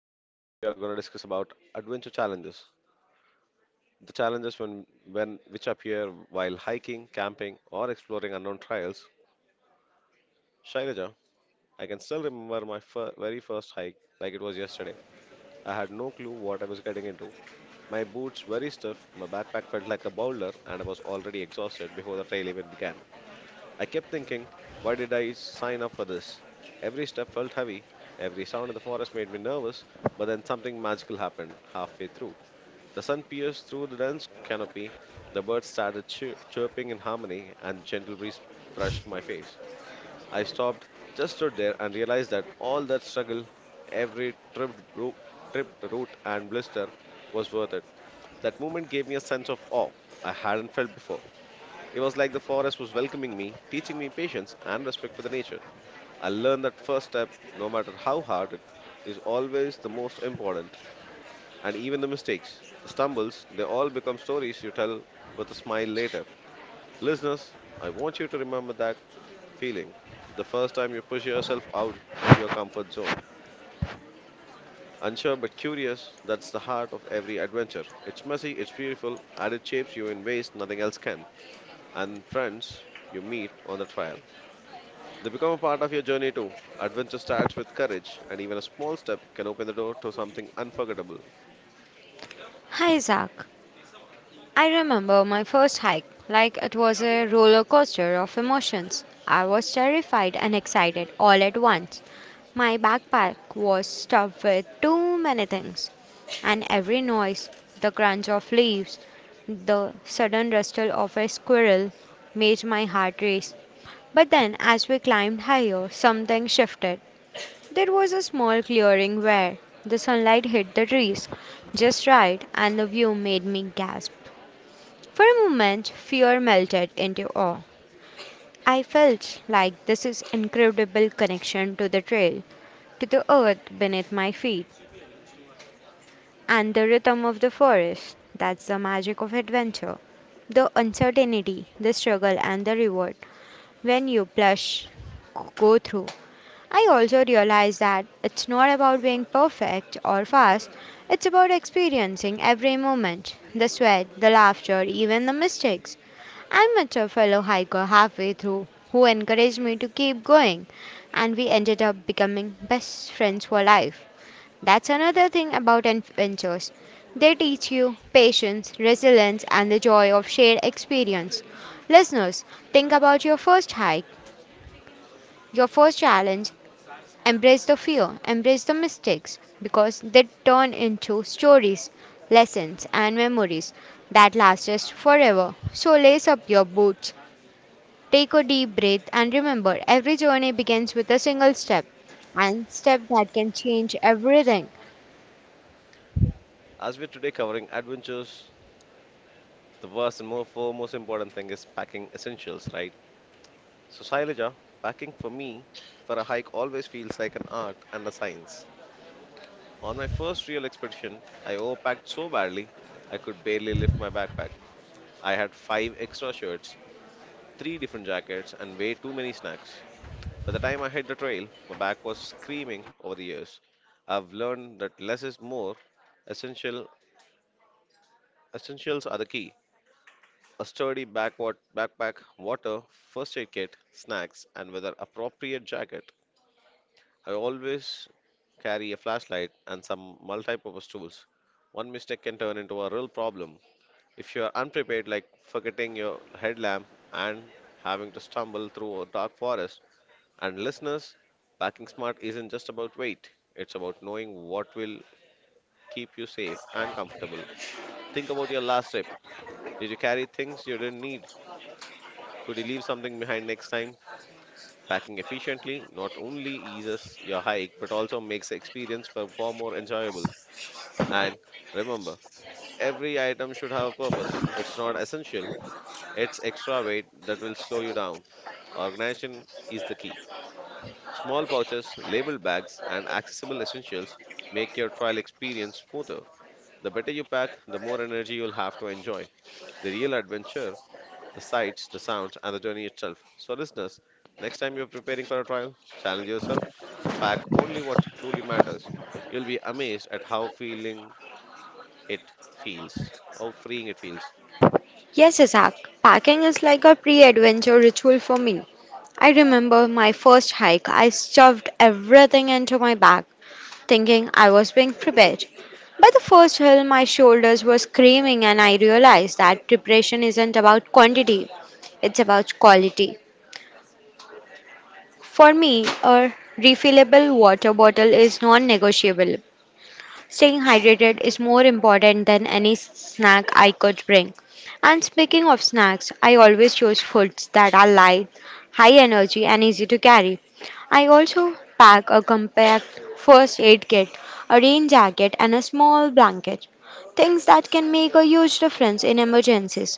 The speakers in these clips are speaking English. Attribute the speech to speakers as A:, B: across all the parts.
A: So today we are going to discuss about adventure challenges. The challenges when which appear while hiking, camping, or exploring unknown trails. Shailaja, I can still remember my very first hike like it was yesterday. I had no clue what I was getting into. My boots very stiff, my backpack felt like a boulder, and I was already exhausted before the trail even began. I kept thinking, why did I sign up for this? Every step felt heavy, every sound in the forest made me nervous, but then something magical happened halfway through. The sun pierced through the dense canopy, the birds started chirping in harmony, and gentle breeze brushed my face. I stopped, just stood there, and realized that all that struggle, every tripped root and blister, was worth it. That moment gave me a sense of awe I hadn't felt before. It was like the forest was welcoming me, teaching me patience and respect for the nature. I learned that first step, no matter how hard it is always the most important. And even the mistakes, the stumbles, they all become stories you tell with a smile later. Listeners, I want you to remember that feeling. The first time you push yourself out of your comfort zone. Unsure but curious, that's the heart of every adventure. It's messy, it's beautiful, and it shapes you in ways nothing else can. And friends, you meet on the trail. They become a part of your journey too. Adventure starts with courage, and even a small step can open the door to something unforgettable. As we're today covering adventures, the first and more foremost important thing is packing essentials, right? So, Shailaja, packing for me for a hike always feels like an art and a science. On my first real expedition, I overpacked so badly I could barely lift my backpack. I had five extra shirts, three different jackets, and way too many snacks. By the time I hit the trail, my back was screaming over the years. I've learned that less is more. Essential essentials are the key. A sturdy backward backpack, water, first aid kit, snacks, and whether appropriate jacket. I always carry a flashlight and some multi-purpose tools. One mistake can turn into a real problem if you are unprepared, like forgetting your headlamp and having to stumble through a dark forest. And listeners, packing smart isn't just about weight, it's about knowing what will keep you safe and comfortable. Think about your last trip. Did you carry things you didn't need? Could you leave something behind next time? Packing efficiently not only eases your hike but also makes the experience far far more enjoyable. And remember, every item should have a purpose. It's not essential, it's extra weight that will slow you down. Organization is the key. Small pouches, labeled bags, and accessible essentials make your trial experience smoother. The better you pack, the more energy you'll have to enjoy the real adventure, the sights, the sounds, and the journey itself. So, listeners, next time you're preparing for a trial, challenge yourself to pack only what truly matters. You'll be amazed at how it feels, how freeing it feels.
B: Yes, Isaac, packing is like a pre adventure ritual for me. I remember my first hike, I shoved everything into my bag, thinking I was being prepared. By the first hill, my shoulders were screaming, and I realized that preparation isn't about quantity, it's about quality. For me, a refillable water bottle is non negotiable. Staying hydrated is more important than any snack I could bring. And speaking of snacks, I always choose foods that are light, high energy, and easy to carry. I also pack a compact first aid kit, a rain jacket, and a small blanket. Things that can make a huge difference in emergencies.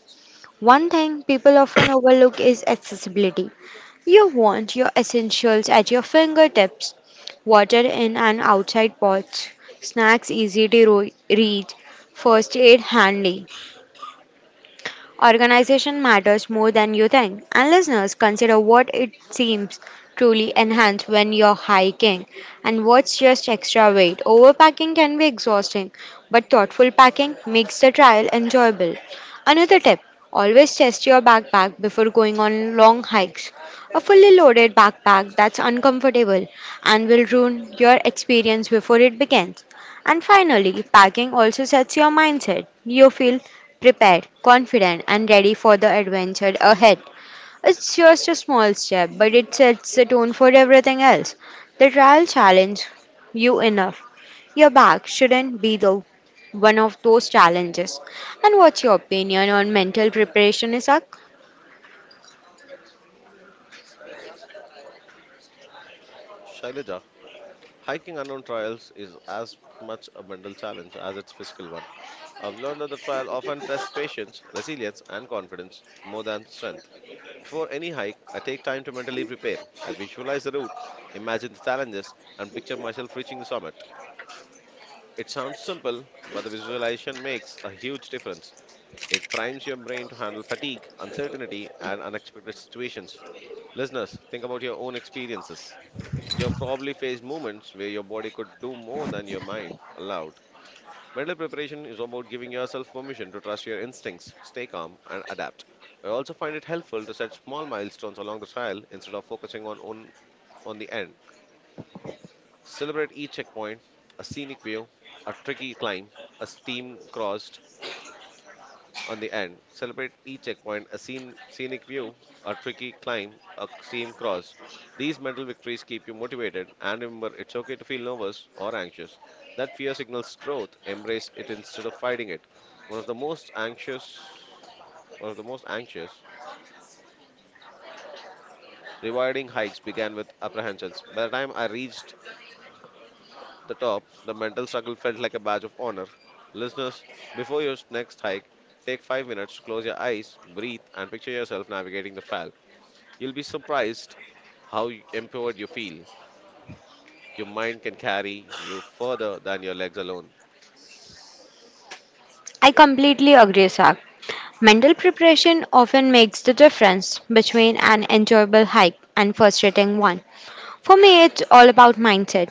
B: One thing people often overlook is accessibility. You want your essentials at your fingertips water in and outside pots, snacks easy to reach, first aid handy. Organization matters more than you think. And listeners, consider what it seems truly enhanced when you're hiking and what's just extra weight. Overpacking can be exhausting, but thoughtful packing makes the trial enjoyable. Another tip always test your backpack before going on long hikes. A fully loaded backpack that's uncomfortable and will ruin your experience before it begins. And finally, packing also sets your mindset. You feel prepared, confident, and ready for the adventure ahead. It's just a small step, but it sets the tone for everything else. The trial challenged you enough. Your back shouldn't be the one of those challenges. And what's your opinion on mental preparation, Isak?
A: Shailaja, hiking unknown trails is as much a mental challenge as its physical one. I've learned that the trial often tests patience, resilience, and confidence more than strength. Before any hike, I take time to mentally prepare. I visualize the route, imagine the challenges, and picture myself reaching the summit. It sounds simple, but the visualization makes a huge difference. It primes your brain to handle fatigue, uncertainty, and unexpected situations. Listeners, think about your own experiences. You've probably faced moments where your body could do more than your mind allowed. Mental preparation is about giving yourself permission to trust your instincts, stay calm, and adapt. I also find it helpful to set small milestones along the trail instead of focusing on the end. Celebrate each checkpoint, a scenic view, a tricky climb, a steam cross, on the end. Celebrate each checkpoint, a scenic view, a tricky climb, a steam cross. These mental victories keep you motivated, and remember, it's okay to feel nervous or anxious. That fear signals growth. Embrace it instead of fighting it. One of the most anxious, one of the most anxious, rewarding hikes began with apprehensions. By the time I reached the top, the mental struggle felt like a badge of honor. Listeners, before your next hike, take 5 minutes, close your eyes, breathe, and picture yourself navigating the trail. You'll be surprised how empowered you feel. Your mind can carry you further than your legs alone.
B: I completely agree, Isak. Mental preparation often makes the difference between an enjoyable hike and frustrating one. For me, it's all about mindset.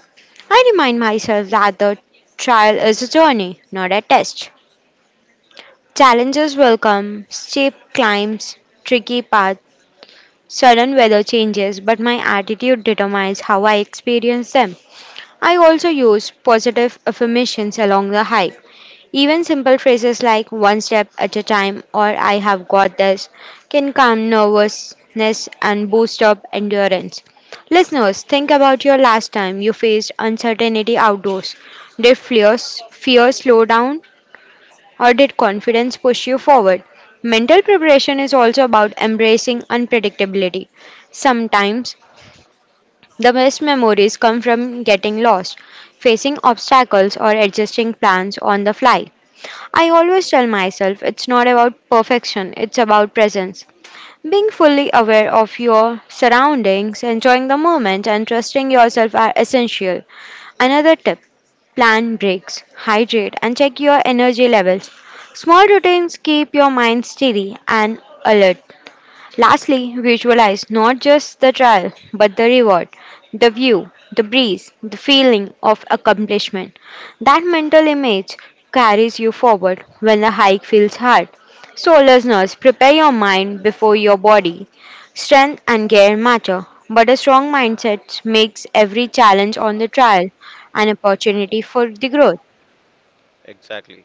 B: I remind myself that the trial is a journey, not a test. Challenges will come, steep climbs, tricky paths, sudden weather changes, but my attitude determines how I experience them. I also use positive affirmations along the hike. Even simple phrases like one step at a time or I have got this can calm nervousness and boost up endurance. Listeners, think about your last time you faced uncertainty outdoors. Did fear slow down or did confidence push you forward? Mental preparation is also about embracing unpredictability. Sometimes the best memories come from getting lost, facing obstacles, or adjusting plans on the fly. I always tell myself it's not about perfection, it's about presence. Being fully aware of your surroundings, enjoying the moment, and trusting yourself are essential. Another tip plan breaks, hydrate, and check your energy levels. Small routines keep your mind steady and alert. Lastly, visualize not just the trial, but the reward, the view, the breeze, the feeling of accomplishment. That mental image carries you forward when the hike feels hard. So, listeners, prepare your mind before your body. Strength and care matter, but a strong mindset makes every challenge on the trial an opportunity for the growth.
A: Exactly.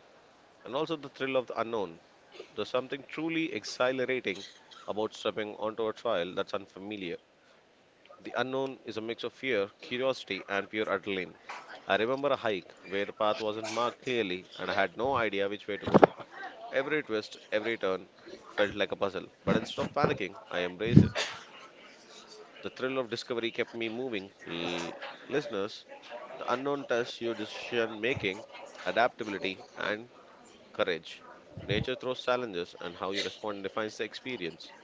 A: And also the thrill of the unknown. There's something truly exhilarating about stepping onto a trail that's unfamiliar. The unknown is a mix of fear, curiosity, and pure adrenaline. I remember a hike where the path wasn't marked clearly and I had no idea which way to go. Every twist, every turn felt like a puzzle, but instead of panicking, I embraced it. The thrill of discovery kept me moving. Listeners, the unknown tests your decision making, adaptability, and courage. Nature throws challenges, and how you respond defines the experience.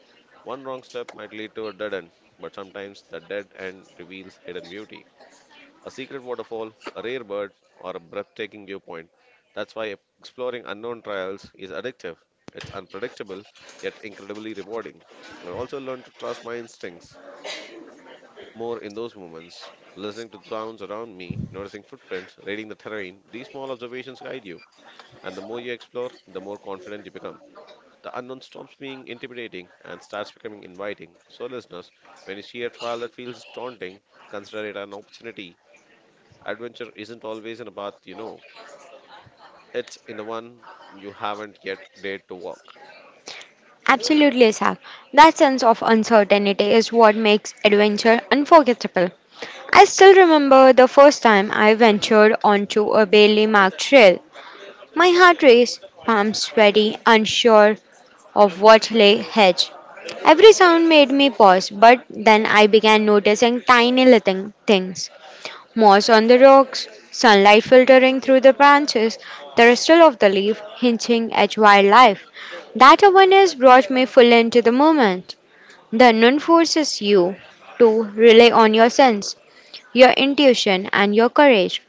A: One wrong step might lead to a dead end, but sometimes the dead end reveals hidden beauty. A secret waterfall, a rare bird, or a breathtaking viewpoint. That's why exploring unknown trials is addictive. It's unpredictable, yet incredibly rewarding. I also learned to trust my instincts more in those moments, listening to sounds around me, noticing footprints, reading the terrain. These small observations guide you, and the more you explore, the more confident you become. The unknown stops being intimidating and starts becoming inviting. So, listeners, when you see a trail that feels daunting, consider it an opportunity. Adventure isn't always in a path you know, it's in the one you haven't yet dared to walk.
B: Absolutely, Isaac. That sense of uncertainty is what makes adventure unforgettable. I still remember the first time I ventured onto a barely marked trail. My heart raced, palms sweaty, unsure of what lay ahead. Every sound made me pause, but then I began noticing tiny little things moss on the rocks, sunlight filtering through the branches, the rustle of the leaf hinting at wildlife. That awareness brought me full into the moment. The unknown forces you to rely on your sense, your intuition, and your courage.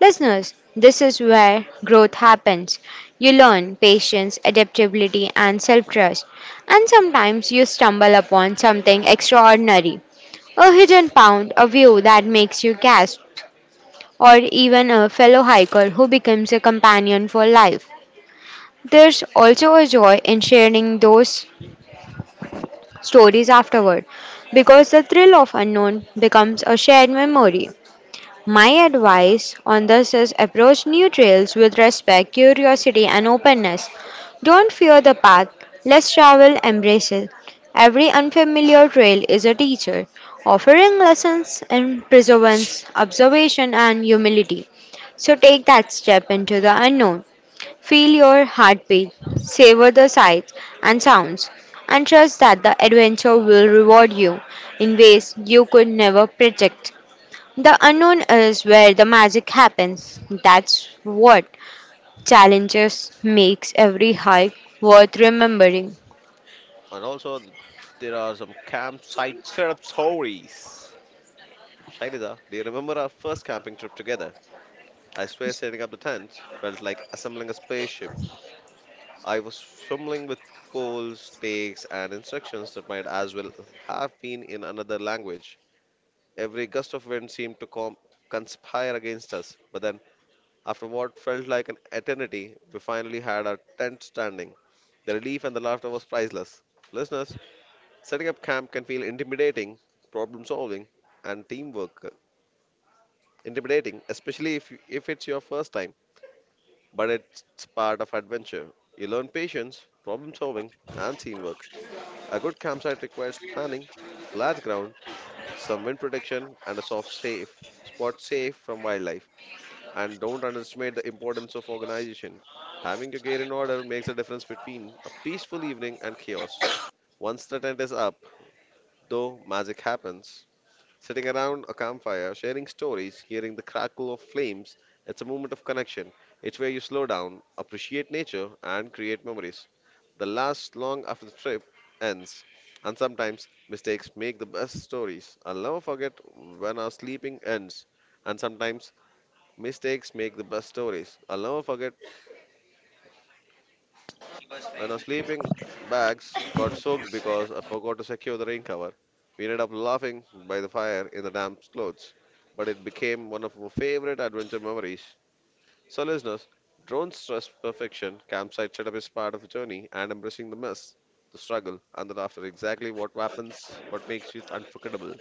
B: Listeners, this is where growth happens. You learn patience, adaptability, and self trust. And sometimes you stumble upon something extraordinary a hidden pound, a view that makes you gasp, or even a fellow hiker who becomes a companion for life. There's also a joy in sharing those stories afterward because the thrill of unknown becomes a shared memory. My advice on this is approach new trails with respect, curiosity, and openness. Don't fear the path, less travel, embrace it. Every unfamiliar trail is a teacher, offering lessons in perseverance, observation, and humility. So take that step into the unknown. Feel your heartbeat, savor the sights and sounds, and trust that the adventure will reward you in ways you could never predict. The unknown is where the magic happens. That's what challenges makes every hike worth remembering.
A: And also, there are some campsite setup stories. Shailija, do you remember our first camping trip together? I swear setting up the tent felt like assembling a spaceship. I was fumbling with poles, stakes, and instructions that might as well have been in another language. Every gust of wind seemed to conspire against us, but then, after what felt like an eternity, we finally had our tent standing. The relief and the laughter was priceless. Listeners, setting up camp can feel intimidating, problem solving, and teamwork intimidating, especially if it's your first time, but it's part of adventure. You learn patience, problem solving, and teamwork. A good campsite requires planning, flat ground, some wind protection, and a soft safe spot safe from wildlife. And don't underestimate the importance of organization. Having your gear in order makes a difference between a peaceful evening and chaos. Once the tent is up, though, magic happens. Sitting around a campfire, sharing stories, hearing the crackle of flames, it's a moment of connection. It's where you slow down, appreciate nature, and create memories. The last long after the trip ends, and sometimes mistakes make the best stories. I'll never forget when our sleeping ends, and sometimes mistakes make the best stories. I'll never forget when our sleeping bags got soaked because I forgot to secure the rain cover. We ended up laughing by the fire in the damp clothes, but it became one of our favorite adventure memories. So, listeners, don't stress perfection. Campsite setup is part of the journey, and embracing the mess, the struggle, and the laughter exactly what happens, what makes it unforgettable.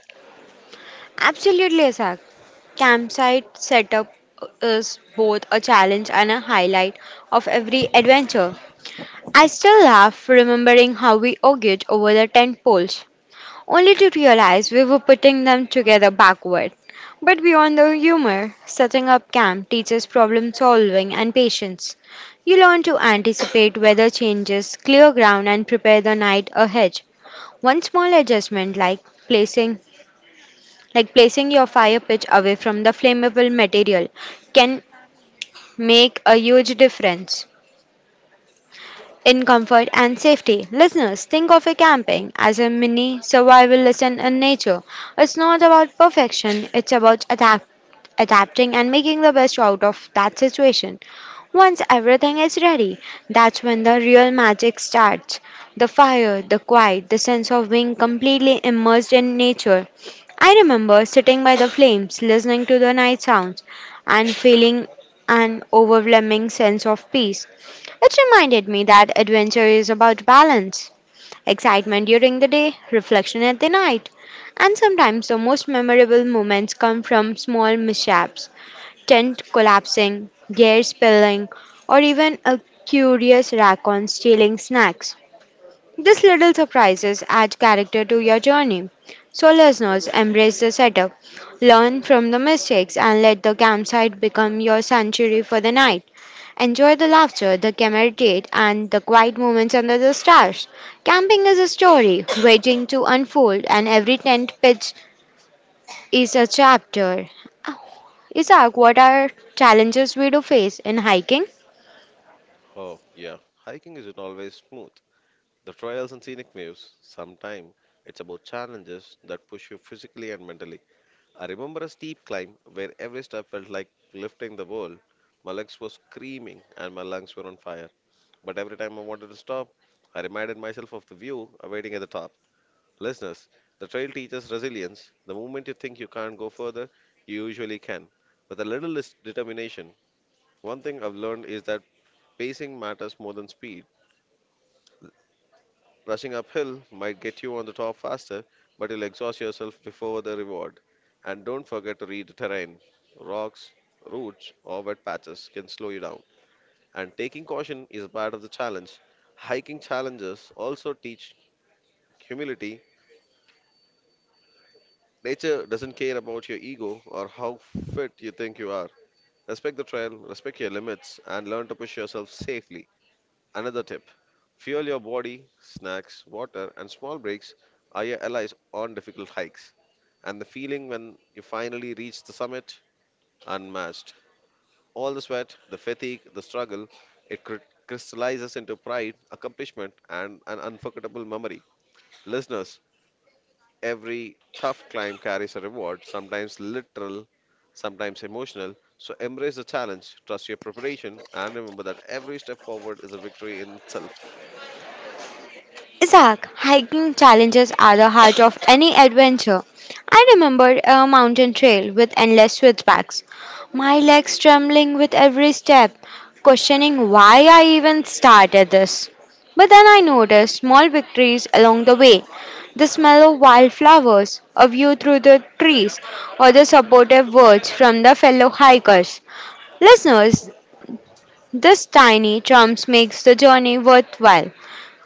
B: Absolutely, Asak. Campsite setup is both a challenge and a highlight of every adventure. I still laugh remembering how we argued over the tent poles, only to realize we were putting them together backward. But beyond the humor, setting up camp teaches problem solving and patience. You learn to anticipate weather changes, clear ground and prepare the night ahead. One small adjustment like placing your fire pit away from the flammable material can make a huge difference in comfort and safety. Listeners, think of a camping as a mini survival lesson in nature. It's not about perfection, it's about adapting and making the best out of that situation. Once everything is ready, that's when the real magic starts. The fire, the quiet, the sense of being completely immersed in nature. I remember sitting by the flames, listening to the night sounds, and feeling an overwhelming sense of peace. It reminded me that adventure is about balance, excitement during the day, reflection at the night. And sometimes the most memorable moments come from small mishaps, tent collapsing, gear spilling, or even a curious raccoon stealing snacks. These little surprises add character to your journey. So, listeners, embrace the setup, learn from the mistakes, and let the campsite become your sanctuary for the night. Enjoy the laughter, the camaraderie, and the quiet moments under the stars. Camping is a story waiting to unfold, and every tent pitch is a chapter. Isaac, what are challenges we do face in hiking?
A: Oh, yeah, hiking isn't always smooth. The trails and scenic views, sometimes it's about challenges that push you physically and mentally. I remember a steep climb where every step felt like lifting the world. My legs were screaming and my lungs were on fire. But every time I wanted to stop, I reminded myself of the view awaiting at the top. Listeners, the trail teaches resilience. The moment you think you can't go further, you usually can. With a little determination, one thing I've learned is that pacing matters more than speed. Rushing uphill might get you on the top faster, but you'll exhaust yourself before the reward. And don't forget to read the terrain. Rocks, roots, or wet patches can slow you down. And taking caution is a part of the challenge. Hiking challenges also teach humility. Nature doesn't care about your ego or how fit you think you are. Respect the trail, respect your limits, and learn to push yourself safely. Another tip, fuel your body, snacks, water, and small breaks are your allies on difficult hikes. And the feeling when you finally reach the summit, unmatched. All the sweat, the fatigue, the struggle, it crystallizes into pride, accomplishment, and an unforgettable memory. Listeners, every tough climb carries a reward, sometimes literal, sometimes emotional. So embrace the challenge, trust your preparation, and remember that every step forward is a victory in itself.
B: Isaac, hiking challenges are the heart of any adventure. I remember a mountain trail with endless switchbacks, my legs trembling with every step, questioning why I even started this. But then I noticed small victories along the way the smell of wildflowers, a view through the trees, or the supportive words from the fellow hikers. Listeners, this tiny triumph makes the journey worthwhile.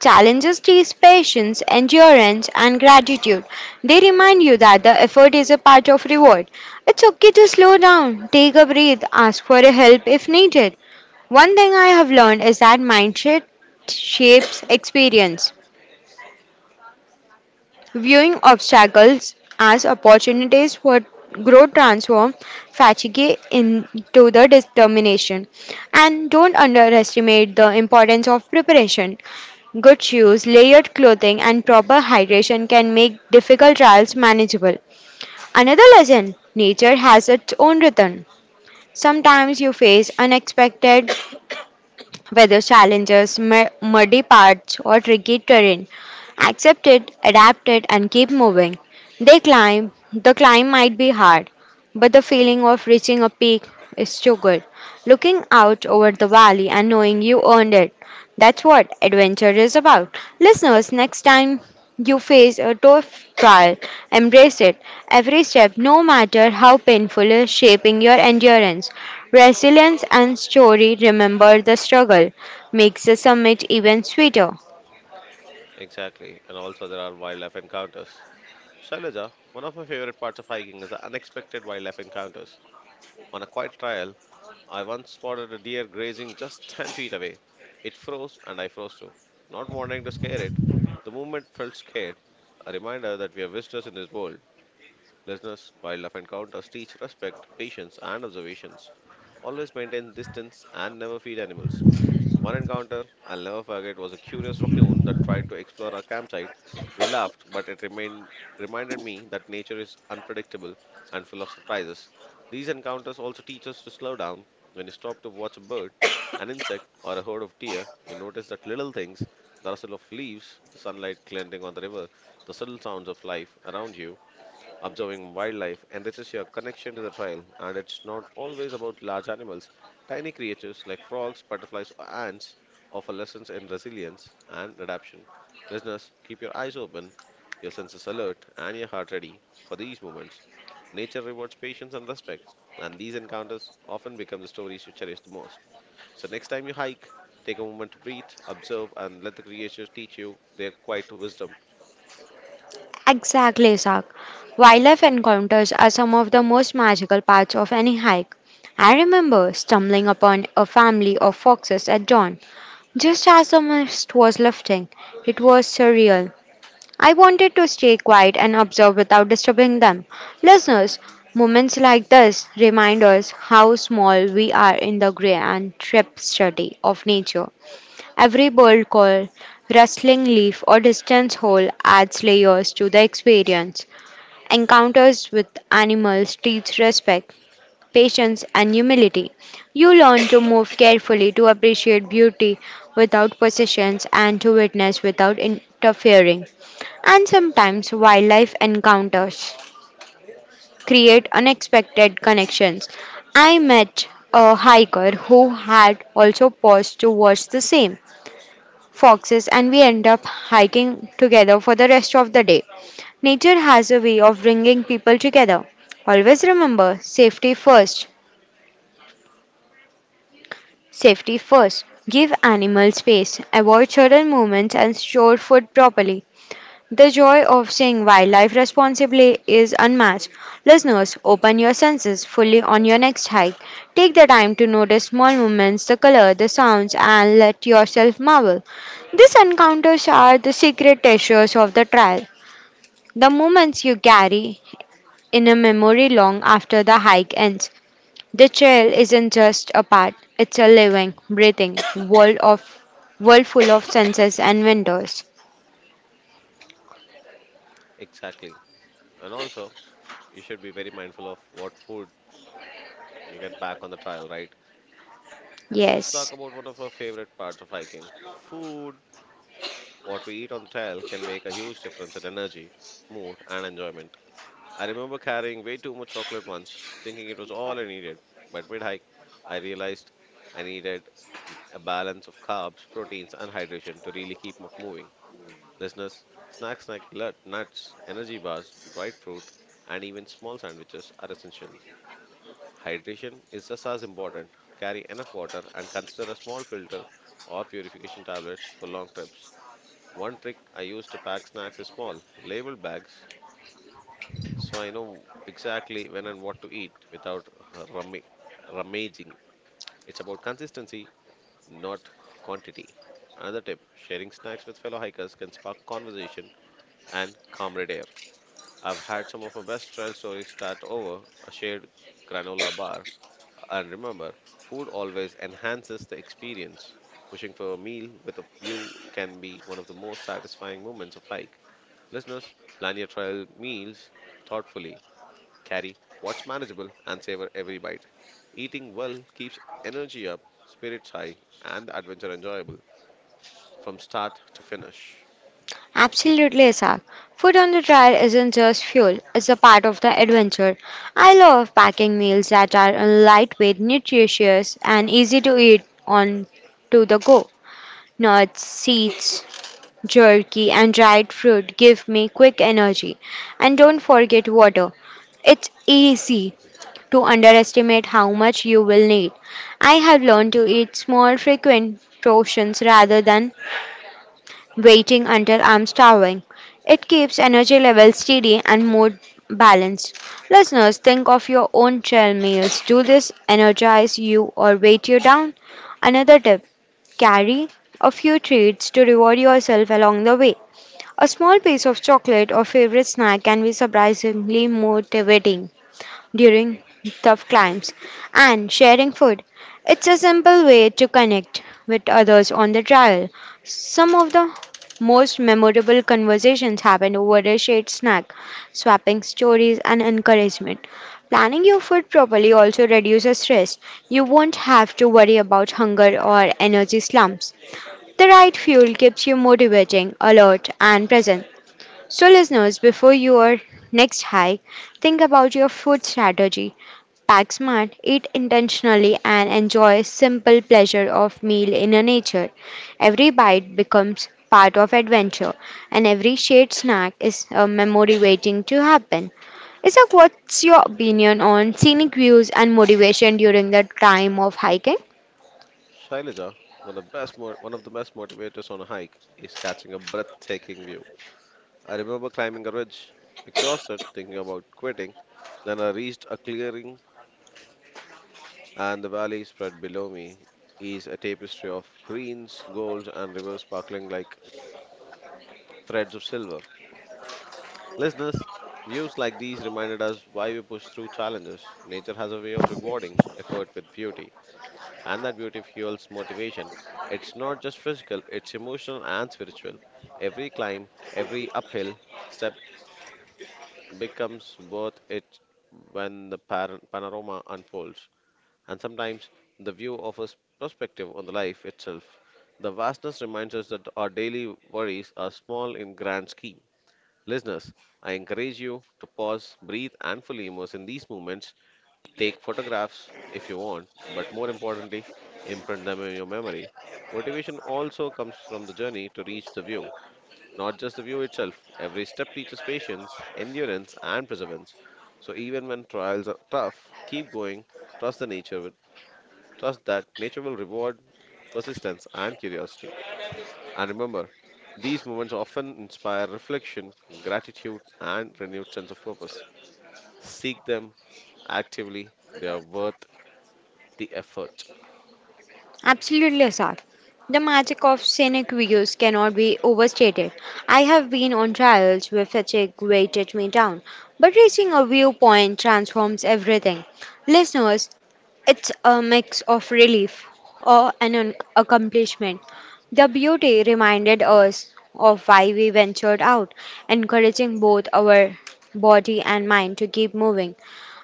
B: Challenges teach patience, endurance, and gratitude. They remind you that the effort is a part of reward. It's okay to slow down, take a breath, ask for a help if needed. One thing I have learned is that mindset shapes experience viewing obstacles as opportunities for growth transform fatigue into the determination and don't underestimate the importance of preparation good shoes layered clothing and proper hydration can make difficult trials manageable another lesson nature has its own rhythm sometimes you face unexpected weather challenges, muddy paths, or tricky terrain. Accept it, adapt it, and keep moving. They climb. The climb might be hard, but the feeling of reaching a peak is too good. Looking out over the valley and knowing you earned it. That's what adventure is about. Listeners, next time you face a tough trial, embrace it. Every step, no matter how painful, is shaping your endurance, resilience, and story. Remember the struggle makes the summit even sweeter.
A: Exactly, and also there are wildlife encounters. Shailaja, one of my favorite parts of hiking is the unexpected wildlife encounters. On a quiet trail, I once spotted a deer grazing just 10 feet away. It froze and I froze too. Not wanting to scare it, the movement felt scared. A reminder that we are visitors in this world. Listeners, wildlife encounters teach respect, patience, and observations. Always maintain distance and never feed animals. One encounter I'll never forget was a curious raccoon that tried to explore our campsite. We laughed, but it remained, reminded me that nature is unpredictable and full of surprises. These encounters also teach us to slow down. When you stop to watch a bird, an insect, or a herd of deer, you notice that little things, the rustle of leaves, the sunlight glinting on the river, the subtle sounds of life around you. Observing wildlife enriches your connection to the trail, and it's not always about large animals. Tiny creatures like frogs, butterflies, or ants offer lessons in resilience and adaptation. Listeners, keep your eyes open, your senses alert, and your heart ready for these moments. Nature rewards patience and respect, and these encounters often become the stories you cherish the most. So, next time you hike, take a moment to breathe, observe, and let the creatures teach you their quiet wisdom.
B: Exactly, Sak. Wildlife encounters are some of the most magical parts of any hike. I remember stumbling upon a family of foxes at dawn, just as the mist was lifting. It was surreal I wanted to stay quiet and observe without disturbing them. Listeners, moments like this remind us how small we are in the grey and tragedy of nature. Every bird call, rustling leaf, or distant howl adds layers to the experience. Encounters with animals teach respect patience, and humility. You learn to move carefully, to appreciate beauty without possessions, and to witness without interfering. And sometimes wildlife encounters create unexpected connections. I met a hiker who had also paused to watch the same foxes, and we end up hiking together for the rest of the day. Nature has a way of bringing people together. Always remember safety first Safety first. Give animals space. Avoid sudden movements and store food properly. The joy of seeing wildlife responsibly is unmatched. Listeners, open your senses fully on your next hike. Take the time to notice small movements, the color, the sounds, and let yourself marvel. These encounters are the secret treasures of the trail. The moments you carry in a memory long after the hike ends. The trail isn't just a path, it's a living, breathing world of world full of senses and windows.
A: Exactly. And also, you should be very mindful of what food you get back on the trail, right? Let's talk
B: Yes,
A: about one of our favorite parts of hiking food. What we eat on the trail can make a huge difference in energy, mood, and enjoyment. I remember carrying way too much chocolate once, thinking it was all I needed. But mid hike, I realized I needed a balance of carbs, proteins, and hydration to really keep up moving. Listeners, snacks like nuts, energy bars, dried fruit, and even small sandwiches are essential. Hydration is just as important. Carry enough water and consider a small filter or purification tablets for long trips. One trick I use to pack snacks is small, labeled bags so I know exactly when and what to eat without rummi- rummaging. It's about consistency, not quantity. Another tip, sharing snacks with fellow hikers can spark conversation and camaraderie. I've had some of my best trail stories start over a shared granola bar. And remember, food always enhances the experience. Pushing for a meal with a view can be one of the most satisfying moments of hike. Listeners, plan your trail meals thoughtfully, carry what's manageable, and savor every bite. Eating well keeps energy up, spirits high, and the adventure enjoyable from start to finish.
B: absolutely, Isaac. Food on the trail isn't just fuel, it's a part of the adventure. I love packing meals that are lightweight, nutritious, and easy to eat on to the go. Nuts, seeds, jerky, and dried fruit give me quick energy. And don't forget water. It's easy to underestimate how much you will need. I have learned to eat small, frequent portions rather than waiting until I'm starving. It keeps energy levels steady and mood balanced. Listeners, think of your own trail meals. Do this energize you or weight you down? Another tip carry a few treats to reward yourself along the way. A small piece of chocolate or favorite snack can be surprisingly motivating during tough climbs, and sharing food. It's a simple way to connect with others on the trail. Some of the most memorable conversations happen over a shared snack, swapping stories and encouragement. Planning your food properly also reduces stress. You won't have to worry about hunger or energy slumps. The right fuel keeps you motivating, alert, and present. So, listeners, before your next hike, think about your food strategy. Pack smart, eat intentionally, and enjoy simple pleasure of meal in a nature. Every bite becomes part of adventure, and every shared snack is a memory waiting to happen. Isak, what's your opinion on scenic views and motivation during the time of hiking?
A: Shailaja, one of the best motivators on a hike is catching a breathtaking view. I remember climbing a ridge, exhausted, thinking about quitting. Then I reached a clearing, and the valley spread below me is a tapestry of greens, golds, and rivers sparkling like threads of silver. Listeners, views like these reminded us why we push through challenges. Nature has a way of rewarding effort with beauty, and that beauty fuels motivation. It's not just physical, it's emotional and spiritual. Every climb, every uphill step becomes worth it when the panorama unfolds, and sometimes the view offers perspective on the life itself. The vastness reminds us that our daily worries are small in grand scheme. Listeners, I encourage you to pause, breathe, and fully immerse in these moments. Take photographs if you want, but more importantly, imprint them in your memory. Motivation also comes from the journey to reach the view, not just the view itself. Every step teaches patience, endurance, and perseverance. So even when trials are tough, keep going, trust the nature, will- trust that nature will reward persistence and curiosity. And remember, these moments often inspire reflection, gratitude, and renewed sense of purpose. Seek them actively, they are worth the effort.
B: Absolutely, Asad. The magic of scenic views cannot be overstated. I have been on trials where fatigue weighted me down, but reaching a viewpoint transforms everything. Listeners, it's a mix of relief or an accomplishment. The beauty reminded us of why we ventured out, encouraging both our body and mind to keep moving.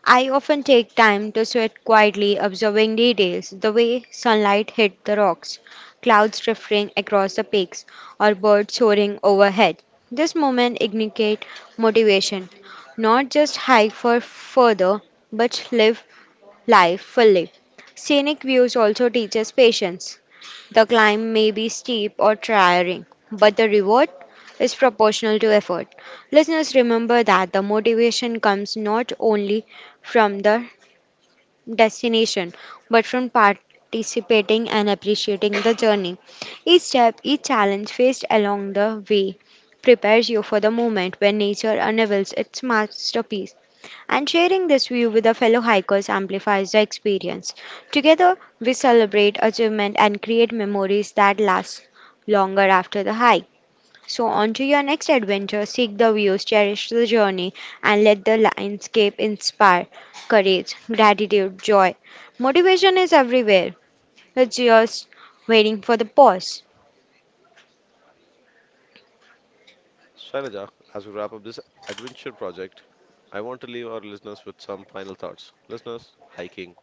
B: I often take time to sit quietly observing details, the way sunlight hit the rocks, clouds drifting across the peaks, or birds soaring overhead. This moment indicate motivation, not just hike for further, but live life fully. Scenic views also teaches patience. The climb may be steep or tiring, but the reward is proportional to effort. Listeners, remember that the motivation comes not only from the destination, but from participating and appreciating the journey. Each step, each challenge faced along the way prepares you for the moment when nature unravels its masterpiece and sharing this view with our fellow hikers amplifies the experience. Together, we celebrate achievement and create memories that last longer after the hike. So, on to your next adventure. Seek the views, cherish the journey, and let the landscape inspire courage, gratitude, joy. Motivation is everywhere. It's just waiting for the pause.
A: Shailaja, as we wrap up this adventure project, I want to leave our listeners with some final thoughts. Listeners, hiking,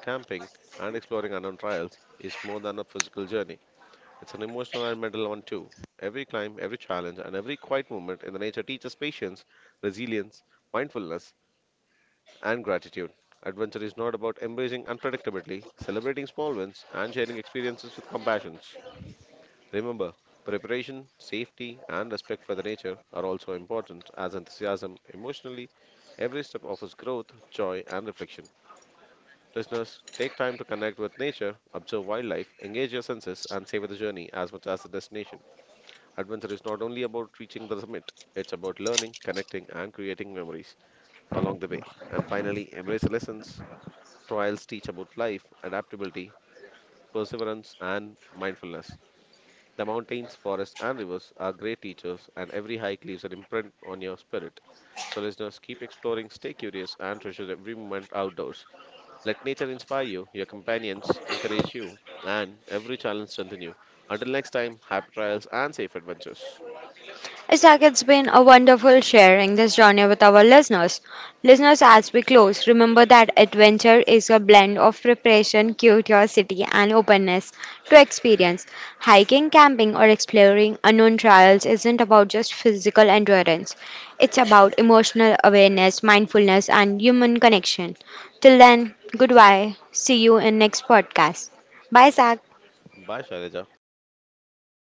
A: camping, and exploring unknown trails is more than a physical journey. It's an emotional and mental one too. Every climb, every challenge, and every quiet moment in the nature teaches patience, resilience, mindfulness, and gratitude. Adventure is not about embracing unpredictability, celebrating small wins, and sharing experiences with compassion. Remember, preparation, safety, and respect for the nature are also important as enthusiasm emotionally. Every step offers growth, joy, and reflection. Listeners, take time to connect with nature, observe wildlife, engage your senses, and savor the journey as much as the destination. Adventure is not only about reaching the summit, it's about learning, connecting, and creating memories along the way. And finally, embrace the lessons trials teach about life, adaptability, perseverance, and mindfulness. The mountains, forests, and rivers are great teachers, and every hike leaves an imprint on your spirit. So, listeners, keep exploring, stay curious, and treasure every moment outdoors. Let nature inspire you, your companions encourage you, and every challenge strengthen you. Until next time, happy trials and safe adventures.
B: Isaac, it's been a wonderful sharing this journey with our listeners. Listeners, as we close, remember that adventure is a blend of preparation, curiosity, and openness to experience. Hiking, camping, or exploring unknown trials isn't about just physical endurance, it's about emotional awareness, mindfulness, and human connection. Till then, goodbye. See you in next podcast. Bye, Isaac.
A: Bye, Shailaja.